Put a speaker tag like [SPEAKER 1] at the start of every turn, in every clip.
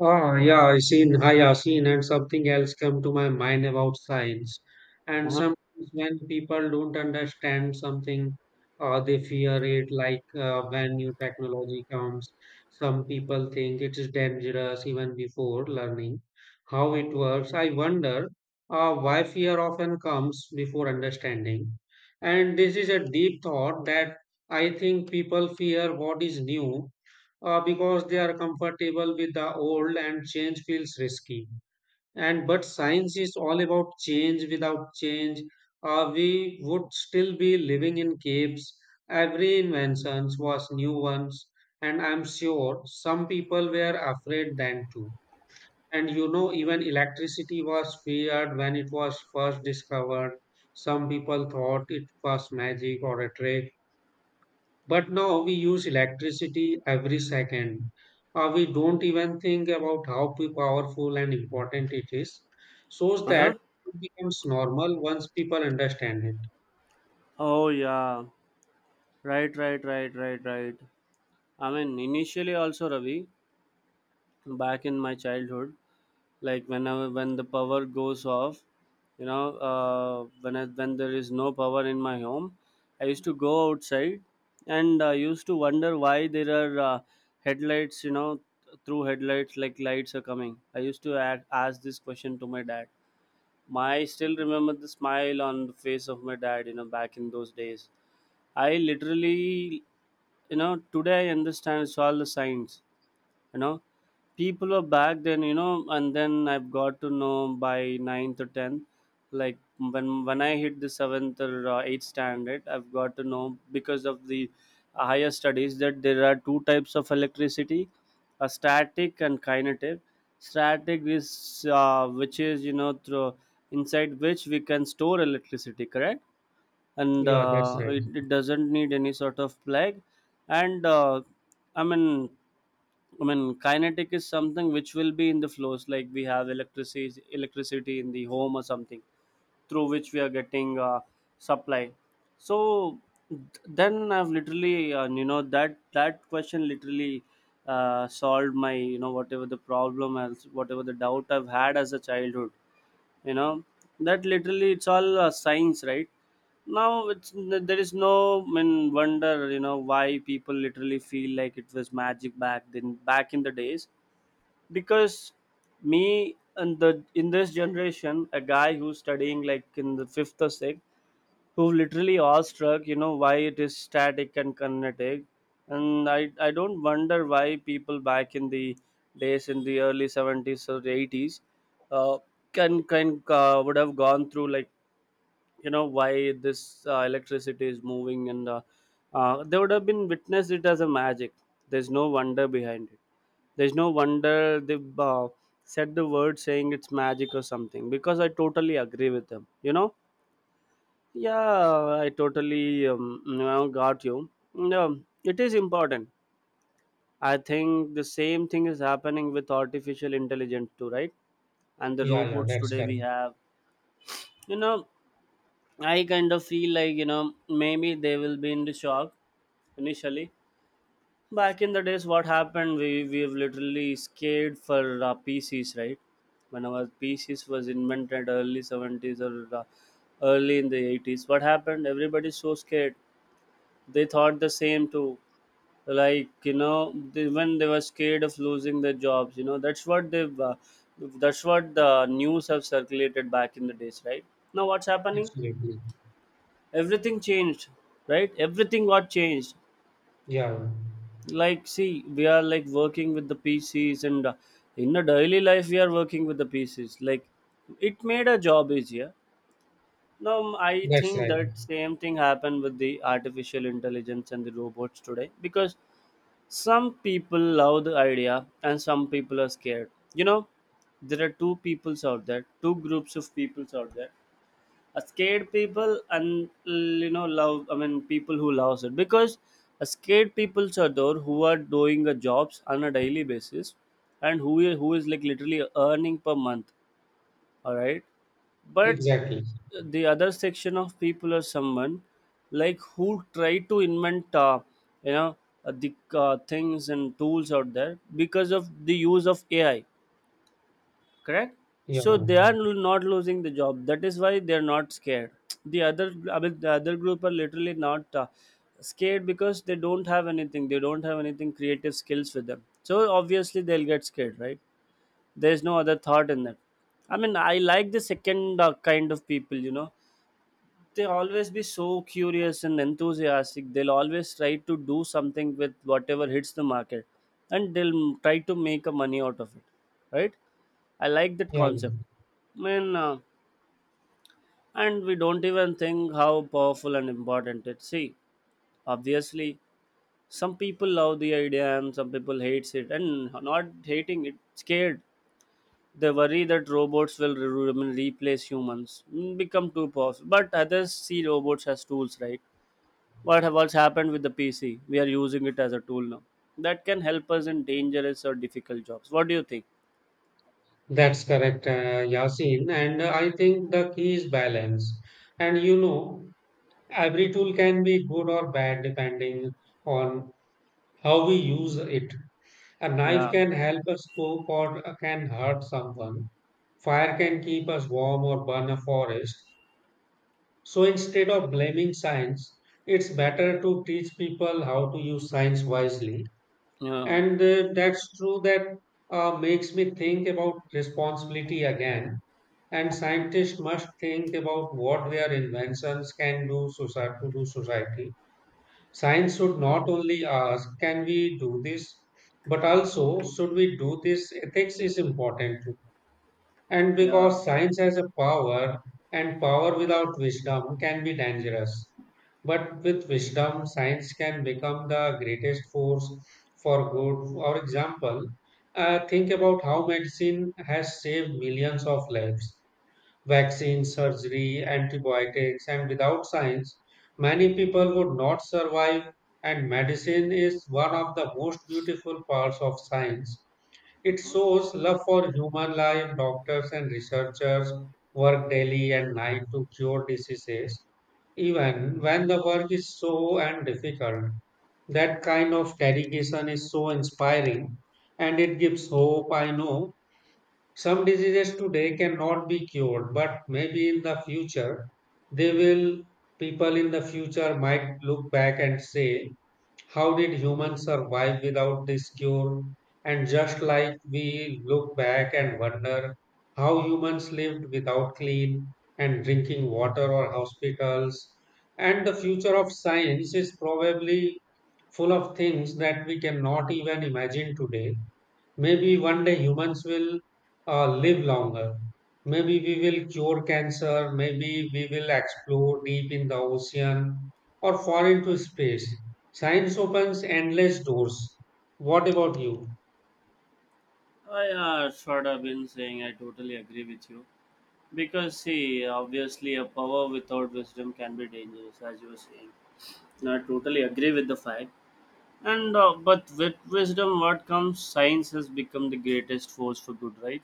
[SPEAKER 1] Ah, yeah, I've seen, and something else come to my mind about science. And
[SPEAKER 2] Uh-huh.
[SPEAKER 1] sometimes when people don't understand something, they fear it. Like when new technology comes, some people think it is dangerous even before learning how it works. I wonder why fear often comes before understanding. And this is a deep thought that I think people fear what is new because they are comfortable with the old and change feels risky, and but science is all about change. Without change we would still be living in caves. Every invention was new ones, and I'm sure some people were afraid then too. And even electricity was feared when it was first discovered. Some people thought it was magic or a trick, but now we use electricity every second. We don't even think about how powerful and important it is. Shows
[SPEAKER 2] Uh-huh.
[SPEAKER 1] that it becomes normal once people understand it.
[SPEAKER 2] Oh yeah. Right, right, right, right, right. I mean initially also Ravi, back in my childhood, like when the power goes off, when there is no power in my home, I used to go outside and I used to wonder why there are headlights, through headlights like lights are coming. I used to ask this question to my dad. My I still remember the smile on the face of my dad, back in those days I literally, you know, today I understand it's all the signs. You know, people were back then, and then I've got to know by ninth or tenth. Like when I hit the seventh or eighth standard, I've got to know because of the higher studies that there are two types of electricity, a static and kinetic. Static is, which is, through inside which we can store electricity, correct? And
[SPEAKER 1] Yeah, that's right.
[SPEAKER 2] it doesn't need any sort of plug, and i mean i mean kinetic is something which will be in the flows, like we have electricity in the home or something through which we are getting supply. So th- then I've literally, that that question literally solved my, whatever the problem, as whatever the doubt I've had as a childhood, you know that literally it's all science, right? Now it's there is no, I mean, wonder why people literally feel like it was magic back then, back in the days. Because me and the in this generation, a guy who's studying like in the fifth or sixth, who literally awestruck, why it is static and kinetic. And I don't wonder why people back in the days in the early 70s or 80s uh, can would have gone through, like, why this electricity is moving. And they would have been witnessed it as a magic. There's no wonder behind it. There's no wonder they said the word saying it's magic or something, because I totally agree with them. Yeah, I totally now got you. No, it is important. I think the same thing is happening with artificial intelligence too, right? And the
[SPEAKER 1] Yeah, yeah,
[SPEAKER 2] robots
[SPEAKER 1] that's
[SPEAKER 2] today
[SPEAKER 1] correct.
[SPEAKER 2] we have. You know, I kind of feel like, maybe they will be in the shock initially. Back in the days, what happened? We have literally scared for PCs, right? When our PCs was invented early 70s or early in the 80s, what happened? Everybody's so scared, they thought the same too, like, when they were scared of losing their jobs, that's what they've that's what the news have circulated back in the days, right? Now what's happening,
[SPEAKER 1] Absolutely.
[SPEAKER 2] everything changed, right? Everything got changed.
[SPEAKER 1] Yeah, yeah.
[SPEAKER 2] Like, see, we are like working with the PCs, and in the daily life we are working with the PCs, like it made a job easier. Now I
[SPEAKER 1] That's
[SPEAKER 2] think
[SPEAKER 1] right.
[SPEAKER 2] that same thing happened with the artificial intelligence and the robots today, because some people love the idea and some people are scared. There are two peoples out there, two groups of peoples out there. A scared people and love, I mean, people who loves it, because a scared peoples are those who are doing the jobs on a daily basis and who is like literally earning per month. All right. But
[SPEAKER 1] Exactly.
[SPEAKER 2] the other section of people are someone like who try to invent, you know the things and tools out there because of the use of AI, correct?
[SPEAKER 1] Yeah,
[SPEAKER 2] So
[SPEAKER 1] yeah,
[SPEAKER 2] they are not losing the job, that is why they are not scared. The other I mean, the other group are literally not scared, because they don't have anything, they don't have anything creative skills with them, so obviously they'll get scared, right? There's no other thought in that. I mean, I like the second kind of people, they always be so curious and enthusiastic, they'll always try to do something with whatever hits the market, and they'll try to make a money out of it, right? I like that
[SPEAKER 1] yeah.
[SPEAKER 2] concept.
[SPEAKER 1] Yeah.
[SPEAKER 2] I mean, and we don't even think how powerful and important it, see, obviously some people love the idea and some people hates it. And not hating it, scared. They worry that robots will replace humans, become too powerful, but others see robots as tools, right? What's happened with the PC, we are using it as a tool now, that can help us in dangerous or difficult jobs. What do you think?
[SPEAKER 1] That's correct, Yasin. And I think the key is balance. And every tool can be good or bad depending on how we use it. A knife
[SPEAKER 2] Yeah,
[SPEAKER 1] can help us cook or can hurt someone. Fire can keep us warm or burn a forest. So instead of blaming science, it's better to teach people how to use science wisely.
[SPEAKER 2] yeah,
[SPEAKER 1] And that's true that makes me think about responsibility again. And scientists must think about what their inventions can do to do society. Science should not only ask, can we do this, but also, should we do this? Ethics is important. And
[SPEAKER 2] yeah.
[SPEAKER 1] because science has a power, and power without wisdom can be dangerous. But with wisdom, science can become the greatest force for good. For example, think about how medicine has saved millions of lives: vaccines, surgery, antibiotics, and without science, many people would not survive. And medicine is one of the most beautiful parts of science. It
[SPEAKER 2] Mhm.
[SPEAKER 1] shows love for human life. Doctors and researchers work daily and night to cure diseases, even when the work is so and difficult. That kind of dedication is so inspiring, and it gives hope. I know some diseases today cannot be cured, but maybe in the future they will. People in the future might look back and say, how did humans survive without this cure? And just like we look back and wonder how humans lived without clean and drinking water or hospitals, and the future of science is probably full of things that we cannot even imagine today. Maybe one day humans will live longer. Maybe we will cure cancer. Maybe we will explore deep in the ocean or fall into space. Science opens endless doors. What about you?
[SPEAKER 2] I sort of been saying I totally agree with you, because see, obviously, a power without wisdom can be dangerous, as you were saying. I totally agree with the fact. And but with wisdom, what comes? Science has become the greatest force for good, right?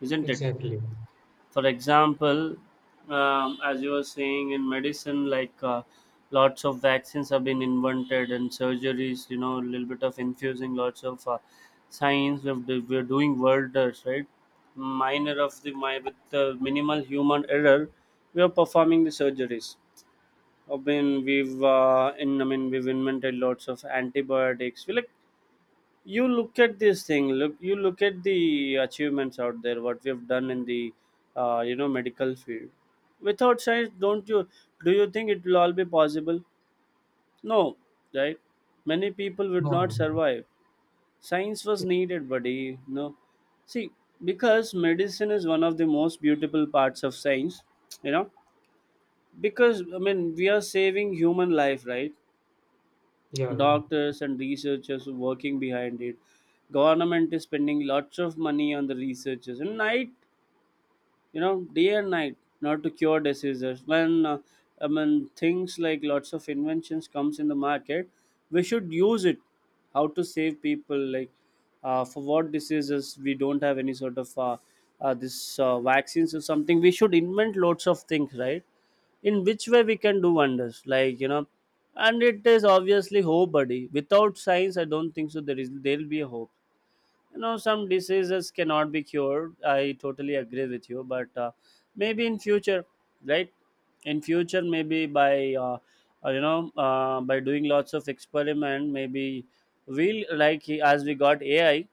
[SPEAKER 2] Isn't it?
[SPEAKER 1] Exactly.
[SPEAKER 2] For example, as you were saying, in medicine, like, lots of vaccines have been invented and surgeries, a little bit of infusing lots of science. We're doing wonders, right? Minor of the my with the minimal human error, we are performing the surgeries. I mean, we've invented lots of antibiotics. We like, you look at this thing, look you look at the achievements out there, what we've done in the medical field. Without science, don't you do you think it will all be possible? No, right? Many people would
[SPEAKER 1] No,
[SPEAKER 2] not
[SPEAKER 1] no.
[SPEAKER 2] survive. Science was needed, buddy, no? See, because medicine is one of the most beautiful parts of science, you know because, I mean, we are saving human life, right?
[SPEAKER 1] Yeah, yeah.
[SPEAKER 2] Doctors and researchers working behind it, government is spending lots of money on the researchers. And I you know day and night, not to cure diseases, when, I mean, things like lots of inventions comes in the market, we should use it, how to save people. Like, for what diseases we don't have any sort of this vaccines or something, we should invent lots of things, right? In which way we can do wonders, like, and it is obviously hope, buddy. Without science, I don't think so there will be a hope, you know? Some diseases cannot be cured, I totally agree with you, but maybe in future, right? In future, maybe by, by doing lots of experiment, maybe we'll, like, as we got AI,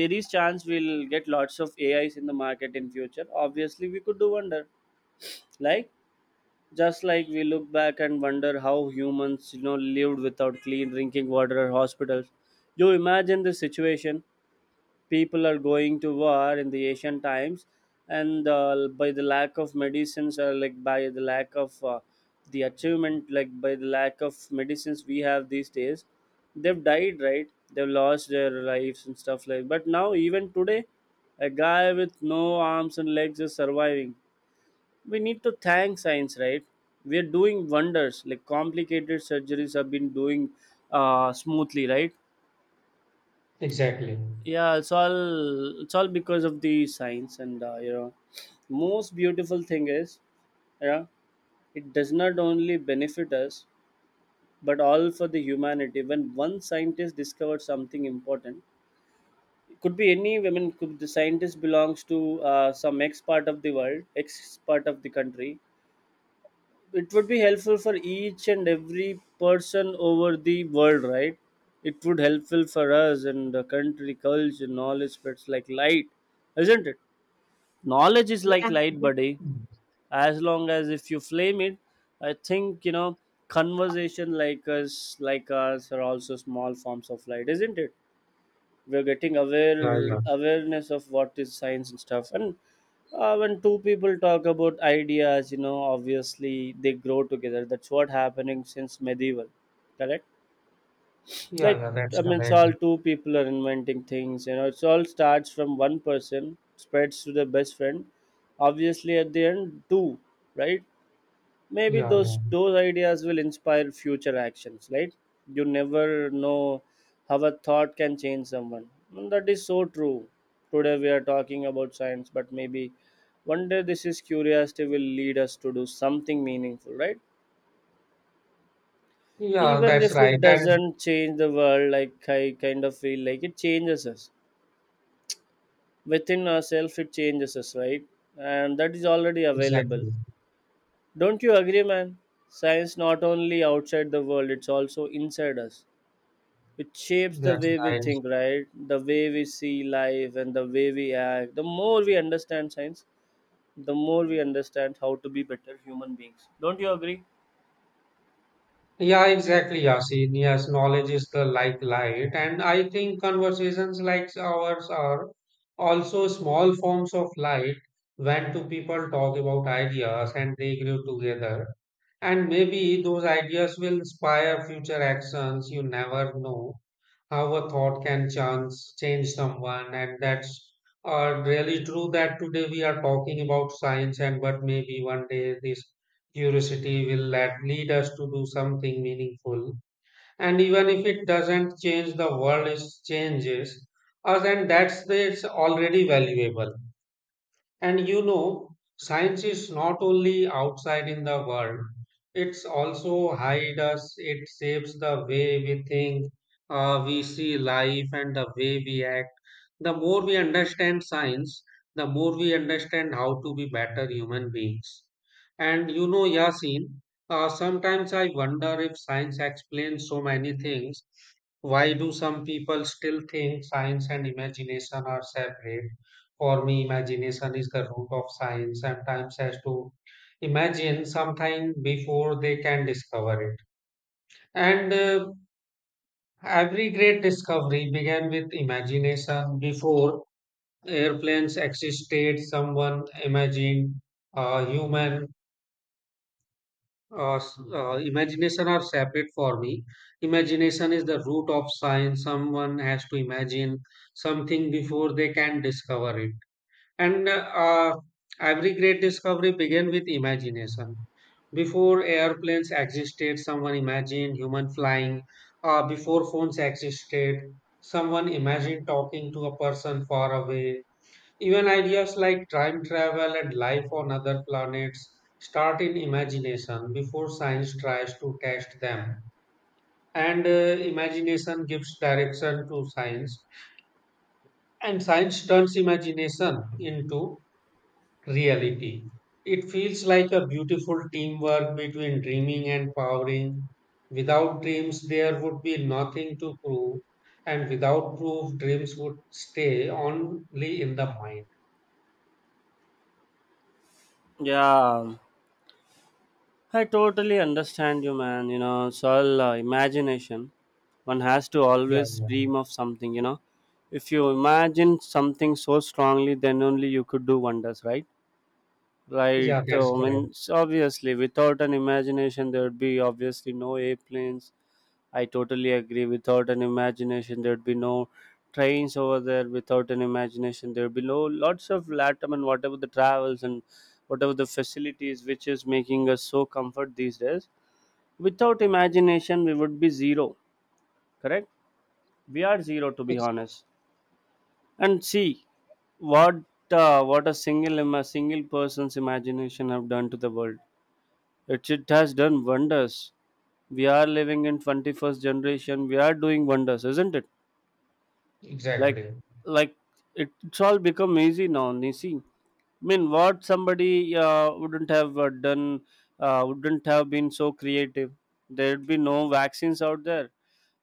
[SPEAKER 2] there is chance we'll get lots of AIs in the market in future, obviously we could do wonder. Like, just like we look back and wonder how humans, lived without clean drinking water or hospitals, you imagine the situation. People are going to war in the ancient times, and by the lack of medicines, or like by the lack of, the achievement, like by the lack of medicines we have these days, they've died, right? They've lost their lives and stuff. Like, but now, even today, a guy with no arms and legs is surviving, we need to thank science, right? We're doing wonders, like complicated surgeries have been doing smoothly, right?
[SPEAKER 1] Exactly.
[SPEAKER 2] Yeah, it's all because of the science. And most beautiful thing is, yeah, it does not only benefit us, but all for the humanity. When one scientist discovered something important, could be any, I could the scientist belongs to some x part of the world, x part of the country, it would be helpful for each and every person over the world, right? It would helpful for us and the country, culture, knowledge spreads like light, isn't it? Knowledge is like
[SPEAKER 1] Yeah.
[SPEAKER 2] light, buddy.
[SPEAKER 1] Mm.
[SPEAKER 2] As long as if you flame it, I think, conversation like us, are also small forms of light, isn't it? We're getting
[SPEAKER 1] Yeah, yeah.
[SPEAKER 2] awareness of what is science and stuff. And when two people talk about ideas, obviously they grow together, that's what happening since medieval, correct?
[SPEAKER 1] Yeah,
[SPEAKER 2] Like,
[SPEAKER 1] yeah, that's
[SPEAKER 2] I mean, it's
[SPEAKER 1] correct.
[SPEAKER 2] all, two people are inventing things, it's all starts from one person, spreads to the best friend, obviously at the end, two, right? Maybe
[SPEAKER 1] Yeah,
[SPEAKER 2] those
[SPEAKER 1] yeah.
[SPEAKER 2] those ideas will inspire future actions, right? You never know how a thought can change someone. And that is so true, today we are talking about science, but maybe one day this is curiosity will lead us to do something meaningful, right?
[SPEAKER 1] Yeah,
[SPEAKER 2] Even
[SPEAKER 1] that's
[SPEAKER 2] if
[SPEAKER 1] right.
[SPEAKER 2] it
[SPEAKER 1] And
[SPEAKER 2] doesn't change the world, like, I kind of feel like it changes us, within ourselves it changes us, right? And that is already available.
[SPEAKER 1] exactly.
[SPEAKER 2] Don't you agree, man? Science not only outside the world it's also inside us. It shapes the
[SPEAKER 1] That's
[SPEAKER 2] way we
[SPEAKER 1] right.
[SPEAKER 2] think, right? The way we see life and the way we act. The more we understand science, the more we understand how to be better human beings. Don't you agree?
[SPEAKER 1] Yeah, exactly, Yasin. Yes, knowledge is the like light. And I think conversations like ours are also small forms of light when two people talk about ideas and they grow together. And maybe those ideas will inspire future actions. You never know how a thought can change someone. And that's really true that today we are talking about science, and but maybe one day this curiosity will lead us to do something meaningful. And even if it doesn't change the world, it changes us, and that's it's already valuable. And science is not only outside in the world, it's also hide us, it shapes the way we think, we see life, and the way we act. The more we understand science, the more we understand how to be better human beings. And Yasin, sometimes I wonder if science explains so many things. Why do some people still think science and imagination are separate? For me imagination is the root of science sometimes has to imagine something before they can discover it, and every great discovery began with imagination before airplanes existed someone imagined human imagination are separate for me, imagination is the root of science, someone has to imagine something before they can discover it. And every great discovery began with imagination. Before airplanes existed, someone imagined human flying. Before phones existed, someone imagined talking to a person far away. Even ideas like time travel and life on other planets start in imagination before science tries to test them. And imagination gives direction to science, and science turns imagination into reality. It feels like a beautiful teamwork between dreaming and powering. Without dreams, there would be nothing to prove, and without proof, dreams would stay only in the mind.
[SPEAKER 2] Yeah, I totally understand you, man. You know, it's all imagination. One has to
[SPEAKER 1] Yeah,
[SPEAKER 2] always
[SPEAKER 1] yeah,
[SPEAKER 2] dream of something, you know. If you imagine something so strongly, then only you could do wonders, right? Right.
[SPEAKER 1] yeah, that's
[SPEAKER 2] I mean,
[SPEAKER 1] correct.
[SPEAKER 2] obviously, without an imagination, there would be obviously no airplanes. I totally agree. Without an imagination, there would be no trains over there. Without an imagination, there would be no lots of latum and whatever the travels and whatever the facilities which is making us so comfort these days. Without imagination we would be zero. Correct. We are zero, to be
[SPEAKER 1] Ex-
[SPEAKER 2] honest. And see what what a single person's imagination have done to the world. It has done wonders. We are living in 21st generation. We are doing wonders, isn't it? like
[SPEAKER 1] Exactly.
[SPEAKER 2] like it's all become easy now, you see. I mean, what somebody wouldn't have done, wouldn't have been so creative. There'd be no vaccines out there.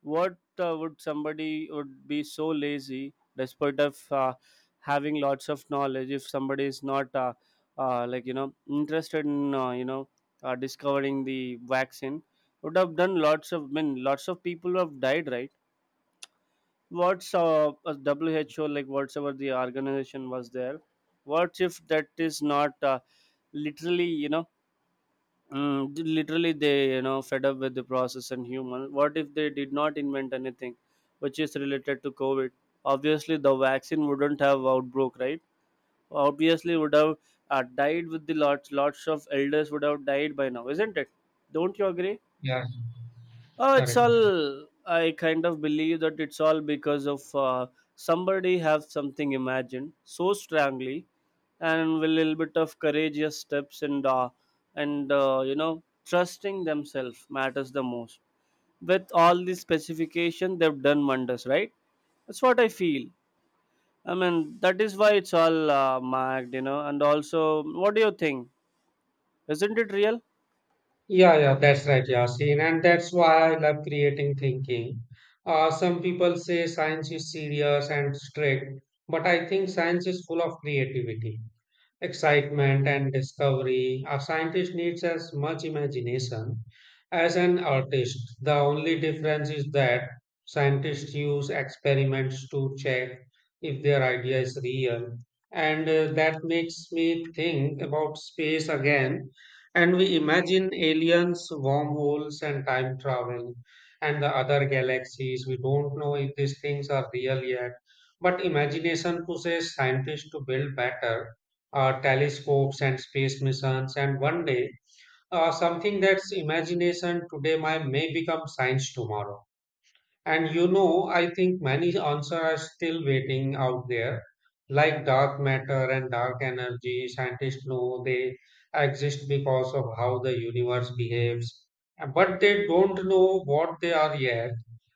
[SPEAKER 2] What, would somebody would be so lazy despite of having lots of knowledge? If somebody is not like, you know, interested in, you know, discovering the vaccine, would have done lots of, I mean, lots of people have died, right? What's, a who like, whatever the organization was there. What if that is not literally, you know, literally they, you know, fed up with the process and human, what if they did not invent anything which is related to covid? Obviously the vaccine wouldn't have outbroke, right? Obviously would have died with the lots of elders would have died by now, isn't it? Don't you agree?
[SPEAKER 1] Yeah,
[SPEAKER 2] It's
[SPEAKER 1] correct.
[SPEAKER 2] all, I kind of believe that it's all because of somebody have something imagined so strongly, and with a little bit of courageous steps and you know, trusting themselves matters the most. With all this specification, they've done wonders, right? That's what I feel. I mean, that is why it's all marked, you know. And also, what do you think? Isn't it real?
[SPEAKER 1] Yeah, yeah, that's right, Yasin. And that's why I love creating thinking. Some people say science is serious and strict, but I think science is full of creativity, excitement and discovery. A scientist needs as much imagination as an artist. The only difference is that scientists use experiments to check if their idea is real. And that makes me think about space again. And we imagine aliens, wormholes, and time travel, and the other galaxies. We don't know if these things are real yet. But imagination pushes scientists to build better telescopes and space missions, and one day something that's imagination today might may become science tomorrow. And I think many answers are still waiting out there, like dark matter and dark energy. Scientists know they exist because of how the universe behaves, but they don't know what they are yet.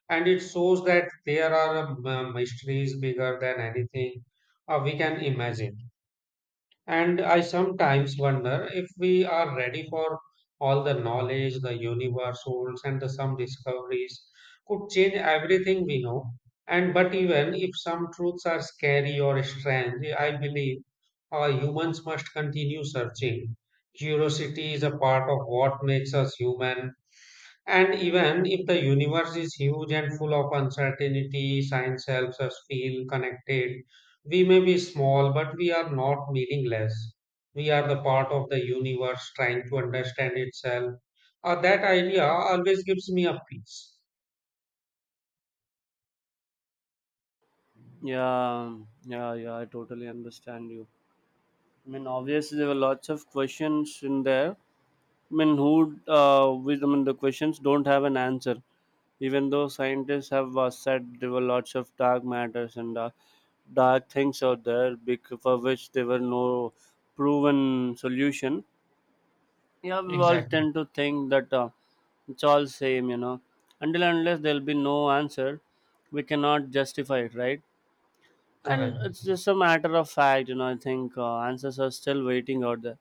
[SPEAKER 1] And it shows that there are mysteries bigger than anything we can imagine. And I sometimes wonder if we are ready for all the knowledge the universe holds, and the some discoveries could change everything we know. And but even if some truths are scary or strange, I believe humans must continue searching. Curiosity is a part of what makes us human, and even if the universe is huge and full of uncertainty, science helps us feel connected. We may be small, but we are not meaningless. We are the part of the universe trying to understand itself. That idea always gives me a peace.
[SPEAKER 2] Yeah, yeah, yeah, I totally understand you. I mean, obviously there were lots of questions in there. I mean, who? With I mean, the questions don't have an answer. Even though scientists have said there were lots of dark matters and dark things out there, for which there were no proven solution. Yeah, we all
[SPEAKER 1] Exactly.
[SPEAKER 2] tend to think that it's all same, you know. Until and unless there'll be no answer, we cannot justify it, right? And
[SPEAKER 1] Correct.
[SPEAKER 2] it's just a matter of fact, you know. I think answers are still waiting out there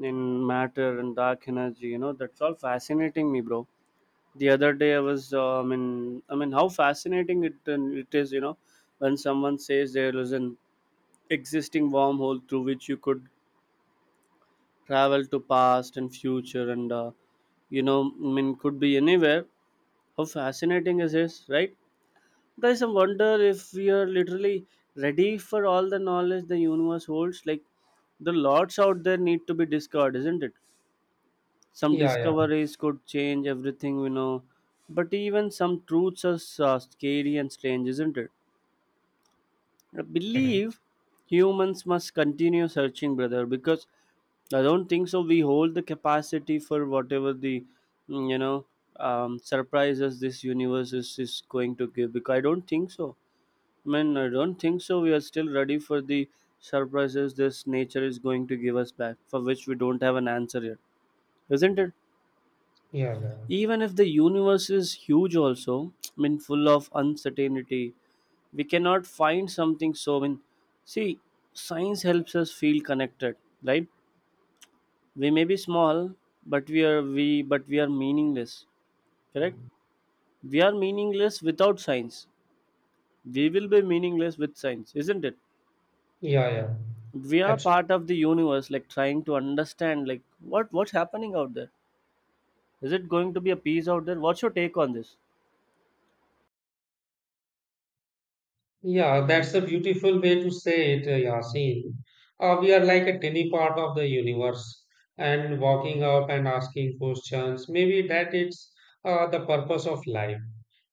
[SPEAKER 2] in matter and dark energy, you know, that's all fascinating me, bro. The other day I was, I mean, how fascinating it and it is, you know. When someone says there is an existing wormhole through which you could travel to past and future, and you know, I mean, could be anywhere. How fascinating is this, right? Guys, I wonder if we are literally ready for all the knowledge the universe holds, like, the lots out there need to be discovered, isn't it? Some
[SPEAKER 1] Yeah, yeah,
[SPEAKER 2] discoveries could change everything we know, but even some truths are scary and strange, isn't it? I believe
[SPEAKER 1] correct.
[SPEAKER 2] humans must continue searching, brother, because I don't think so we hold the capacity for whatever the, you know, surprises this universe is going to give, because I don't think so. I mean, I don't think so we are still ready for the surprises this nature is going to give us back, for which we don't have an answer yet, isn't it?
[SPEAKER 1] Yeah, yeah,
[SPEAKER 2] Even if the universe is huge also, I mean, full of uncertainty, we cannot find something. So, I mean, see, science helps us feel connected, right? We may be small, but we are meaningless. Correct. We are meaningless without science. We will be meaningless with science, isn't it?
[SPEAKER 1] yeah, yeah.
[SPEAKER 2] We are
[SPEAKER 1] Absolutely.
[SPEAKER 2] part of the universe, like trying to understand, like, what's happening out there. Is it going to be a peace out there? What's your take on this?
[SPEAKER 1] Yeah, that's a beautiful way to say it, Yasin. We are like a tiny part of the universe and walking up and asking questions. Maybe that is the purpose of life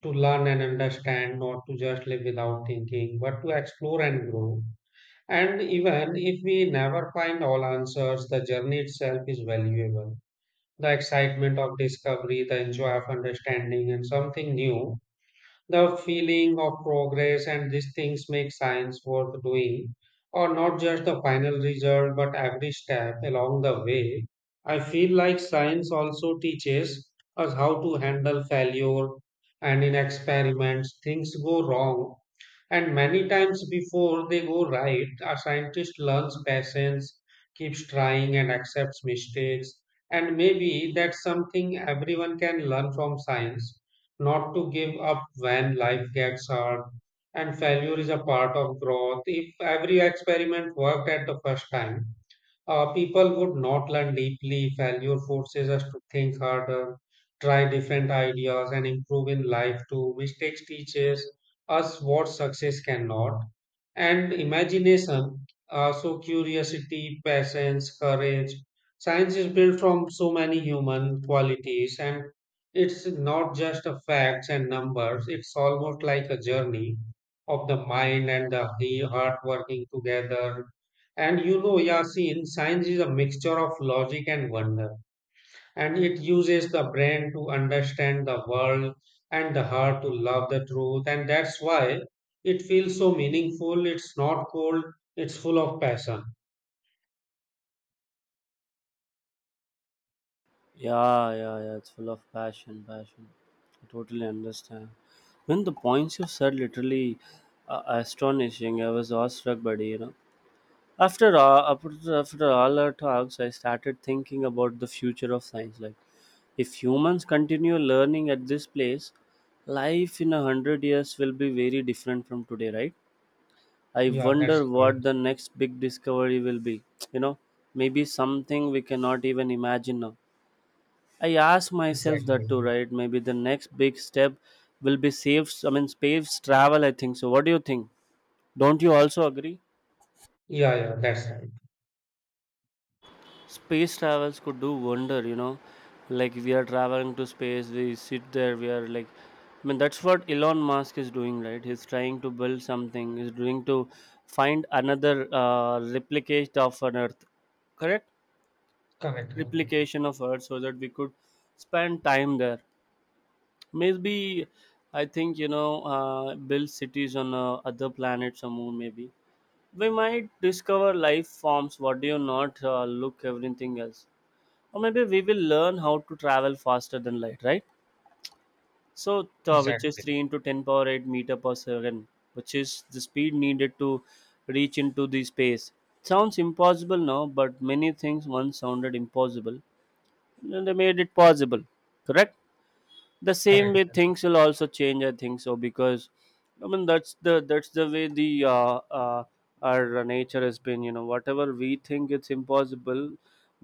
[SPEAKER 1] to learn and understand, not to just live without thinking, but to explore and grow. And even if we never find all answers, the journey itself is valuable. The excitement of discovery, the enjoy of understanding, and something new, the feeling of progress, and these things make science worth doing, or not just the final result but every step along the way. I feel like science also teaches us how to handle failure, and in experiments things go wrong and many times before they go right, a scientist learns patience, keeps trying, and accepts mistakes. And maybe that's something everyone can learn from science, not to give up when life gets hard. And failure is a part of growth. If every experiment worked at the first time, people would not learn deeply. Failure forces us to think harder, try different ideas, and improve in life too. Mistakes teaches us what success cannot. And imagination, so curiosity, patience, courage. Science is built from so many human qualities, and it's not just a facts and numbers. It's almost like a journey of the mind and the heart working together. And Yasin, science is a mixture of logic and wonder, and it uses the brain to understand the world and the heart to love the truth, and that's why it feels so meaningful. It's not cold, it's full of passion.
[SPEAKER 2] Yeah, yeah, yeah. It's full of passion, passion. I totally understand. When the points you said literally astonishing, I was awestruck by it, you know. After all, after, after all our talks, I started thinking about the future of science. Like, if humans continue learning at this place, life in 100 years will be very different from today, right? I
[SPEAKER 1] Yeah, that's
[SPEAKER 2] wonder what
[SPEAKER 1] correct.
[SPEAKER 2] the next big discovery will be. You know, maybe something we cannot even imagine now. I ask myself
[SPEAKER 1] Exactly.
[SPEAKER 2] that too, right? Maybe the next big step will be safe. I mean, space travel. I think so. What do you think? Don't you also agree?
[SPEAKER 1] Yeah, yeah, that's right.
[SPEAKER 2] Space travels could do wonder. You know, like we are traveling to space. We sit there. We are like, I mean, that's what Elon Musk is doing, right? He's trying to build something. He's doing to find another replicate of an Earth. Correct?
[SPEAKER 1] Correct.
[SPEAKER 2] Replication of Earth, so that we could spend time there. Maybe, I think, you know, build cities on other planets or moon. Maybe we might discover life forms. What do you not look, everything else? Or maybe we will learn how to travel faster than light, right? So which is
[SPEAKER 1] Exactly.
[SPEAKER 2] three into ten power 8 meter per second, which is the speed needed to reach into the space. Sounds impossible now, but many things once sounded impossible, and they made it possible. Correct? The same
[SPEAKER 1] Correct.
[SPEAKER 2] way things will also change, I think so, because I mean that's the way the our nature has been, you know, whatever we think it's impossible,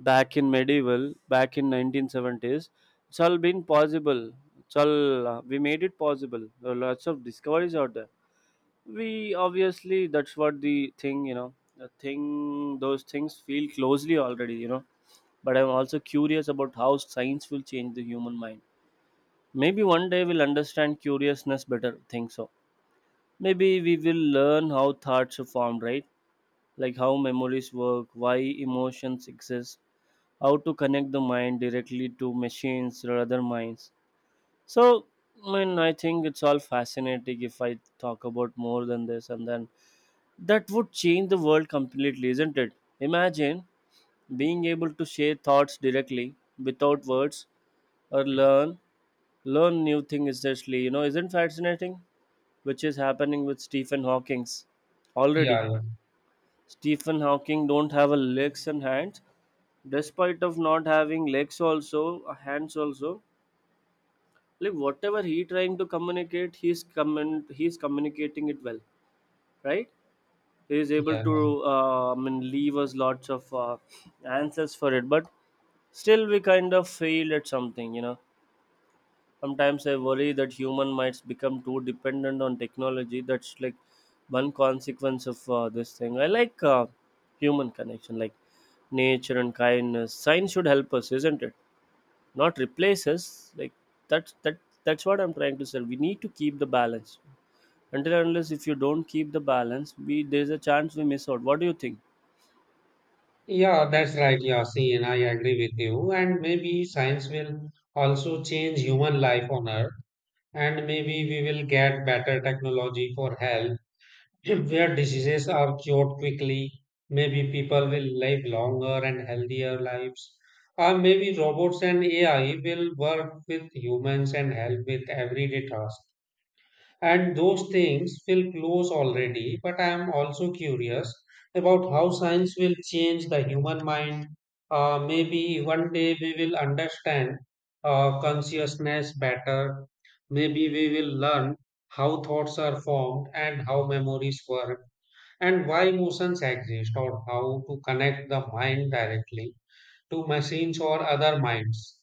[SPEAKER 2] back in medieval, back in 1970s, it's all been possible. It's all, we made it possible. There are lots of discoveries out there. We obviously, that's what the thing, you know, the thing, those things feel closely already, you know. But I'm also curious about how science will change the human mind. Maybe one day we'll understand curiousness better. Think so. Maybe we will learn how thoughts are formed, right? Like how memories work, why emotions exist, how to connect the mind directly to machines or other minds. So, I mean, I think it's all fascinating if I talk about more than this, and then that would change the world completely, isn't it? Imagine being able to share thoughts directly without words, or learn new things instantly. You know, isn't fascinating? Which is happening with Stephen Hawking's already.
[SPEAKER 1] Yeah,
[SPEAKER 2] Stephen Hawking don't have a legs and hands. Despite of not having legs also, hands also, like whatever he trying to communicate, he's communicating it well, right? He is able
[SPEAKER 1] yeah,
[SPEAKER 2] to
[SPEAKER 1] yeah.
[SPEAKER 2] I mean, leave us lots of answers for it, but still we kind of failed at something, you know. Sometimes I worry that human might become too dependent on technology. That's like one consequence of this thing. I like human connection, like nature and kindness. Science should help us, isn't it? Not replace us. Like that's that that's what I'm trying to say. We need to keep the balance. Until and unless if you don't keep the balance, we there's a chance we miss out. What do you think?
[SPEAKER 1] Yeah, that's right, Yasin. I agree with you. And maybe science will also change human life on Earth, and maybe we will get better technology for health where diseases are cured quickly. Maybe people will live longer and healthier lives, or maybe robots and AI will work with humans and help with everyday tasks, and those things feel close already, but I am also curious about how science will change the human mind. Maybe one day we will understand consciousness better. Maybe we will learn how thoughts are formed and how memories work and why emotions exist, or how to connect the mind directly to machines or other minds.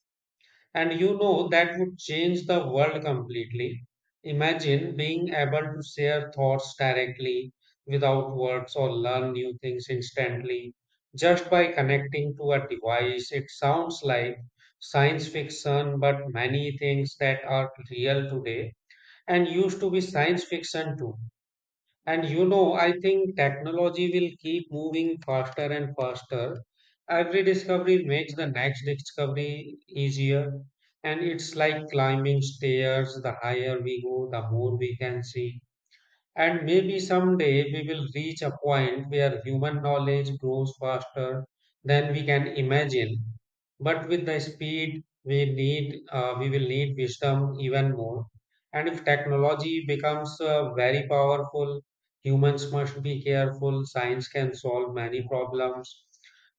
[SPEAKER 1] And that would change the world completely. Imagine being able to share thoughts directly without words or learn new things instantly just by connecting to a device. It sounds like science fiction, but many things that are real today and used to be science fiction too. And I think technology will keep moving faster and faster. Every discovery makes the next discovery easier. And it's like climbing stairs. The higher we go, the more we can see. And maybe someday we will reach a point where human knowledge grows faster than we can imagine. But with the speed we need, we will need wisdom even more. And if technology becomes very powerful, humans must be careful. Science can solve many problems,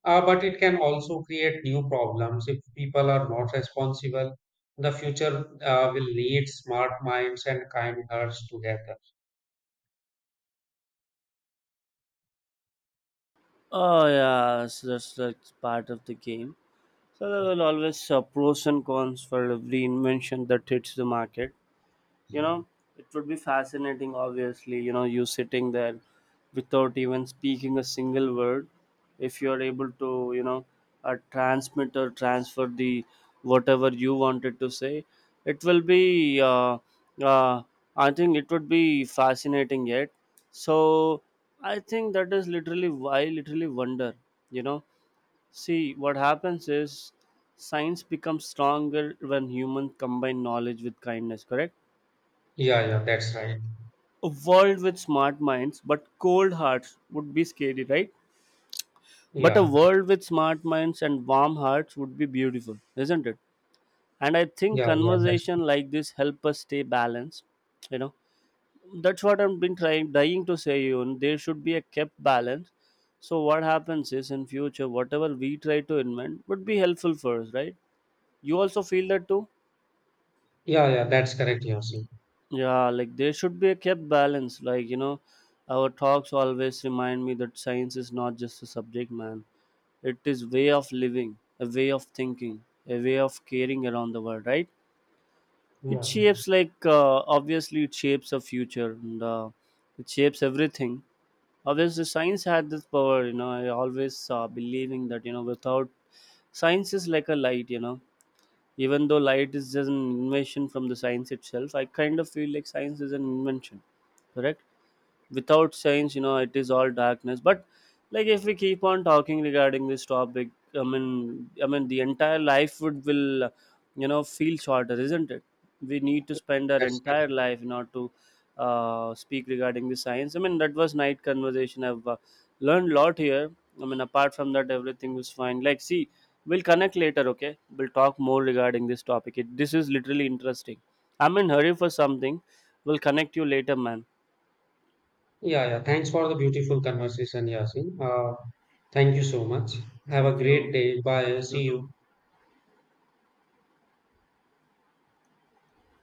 [SPEAKER 1] but it can also create new problems if people are not responsible. The future will need smart minds and kind hearts together.
[SPEAKER 2] Oh, yeah, so that's part of the game. So there will always pros and cons for every invention that hits the market. You know, it would be fascinating, obviously. You know, you sitting there without even speaking a single word, if you are able to, you know, transmit or transfer the whatever you wanted to say, it will be, uh, I think it would be fascinating yet. So I think that is literally why I literally wonder, you know. See, what happens is science becomes stronger when humans combine knowledge with kindness. Correct?
[SPEAKER 1] Yeah, yeah, that's right.
[SPEAKER 2] A world with smart minds but cold hearts would be scary, right? But a
[SPEAKER 1] Yeah,
[SPEAKER 2] world with smart minds and warm hearts would be beautiful, isn't it? And I think
[SPEAKER 1] yeah, yeah, that's
[SPEAKER 2] conversation like this help us stay balanced, you know. That's what I've been trying, dying to say. You, there should be a kept balance. So what happens is, in future whatever we try to invent would be helpful for us, right? You also feel that too?
[SPEAKER 1] yeah, yeah, that's correct, Yasin.
[SPEAKER 2] Yeah, like there should be a kept balance. Like, you know, our talks always remind me that science is not just a subject, man. It is way of living, a way of thinking, a way of caring around the world, right? It
[SPEAKER 1] Yeah,
[SPEAKER 2] shapes, like, obviously it shapes the future and it shapes everything. Obviously, science had this power. You know, I always believing that, you know, without science is like a light. You know, even though light is just an invention from the science itself, I kind of feel like science is an invention. Correct. Without science, you know, it is all darkness. But like, if we keep on talking regarding this topic, I mean, the entire life would will you know feel shorter, isn't it? We need to
[SPEAKER 1] yeah,
[SPEAKER 2] spend our
[SPEAKER 1] that's correct.
[SPEAKER 2] entire life not to speak regarding the science. I mean, that was night conversation. I've learned a lot here. I mean, apart from that, everything was fine. Like, see, we'll connect later, okay? We'll talk more regarding this topic. This is literally interesting. I'm in hurry for something. We'll connect you later, man.
[SPEAKER 1] Yeah, yeah. Thanks for the beautiful conversation, Yasin. Thank you so much. Have a
[SPEAKER 2] Thank
[SPEAKER 1] great
[SPEAKER 2] you.
[SPEAKER 1] day. Bye.
[SPEAKER 2] You
[SPEAKER 1] See you.
[SPEAKER 2] too.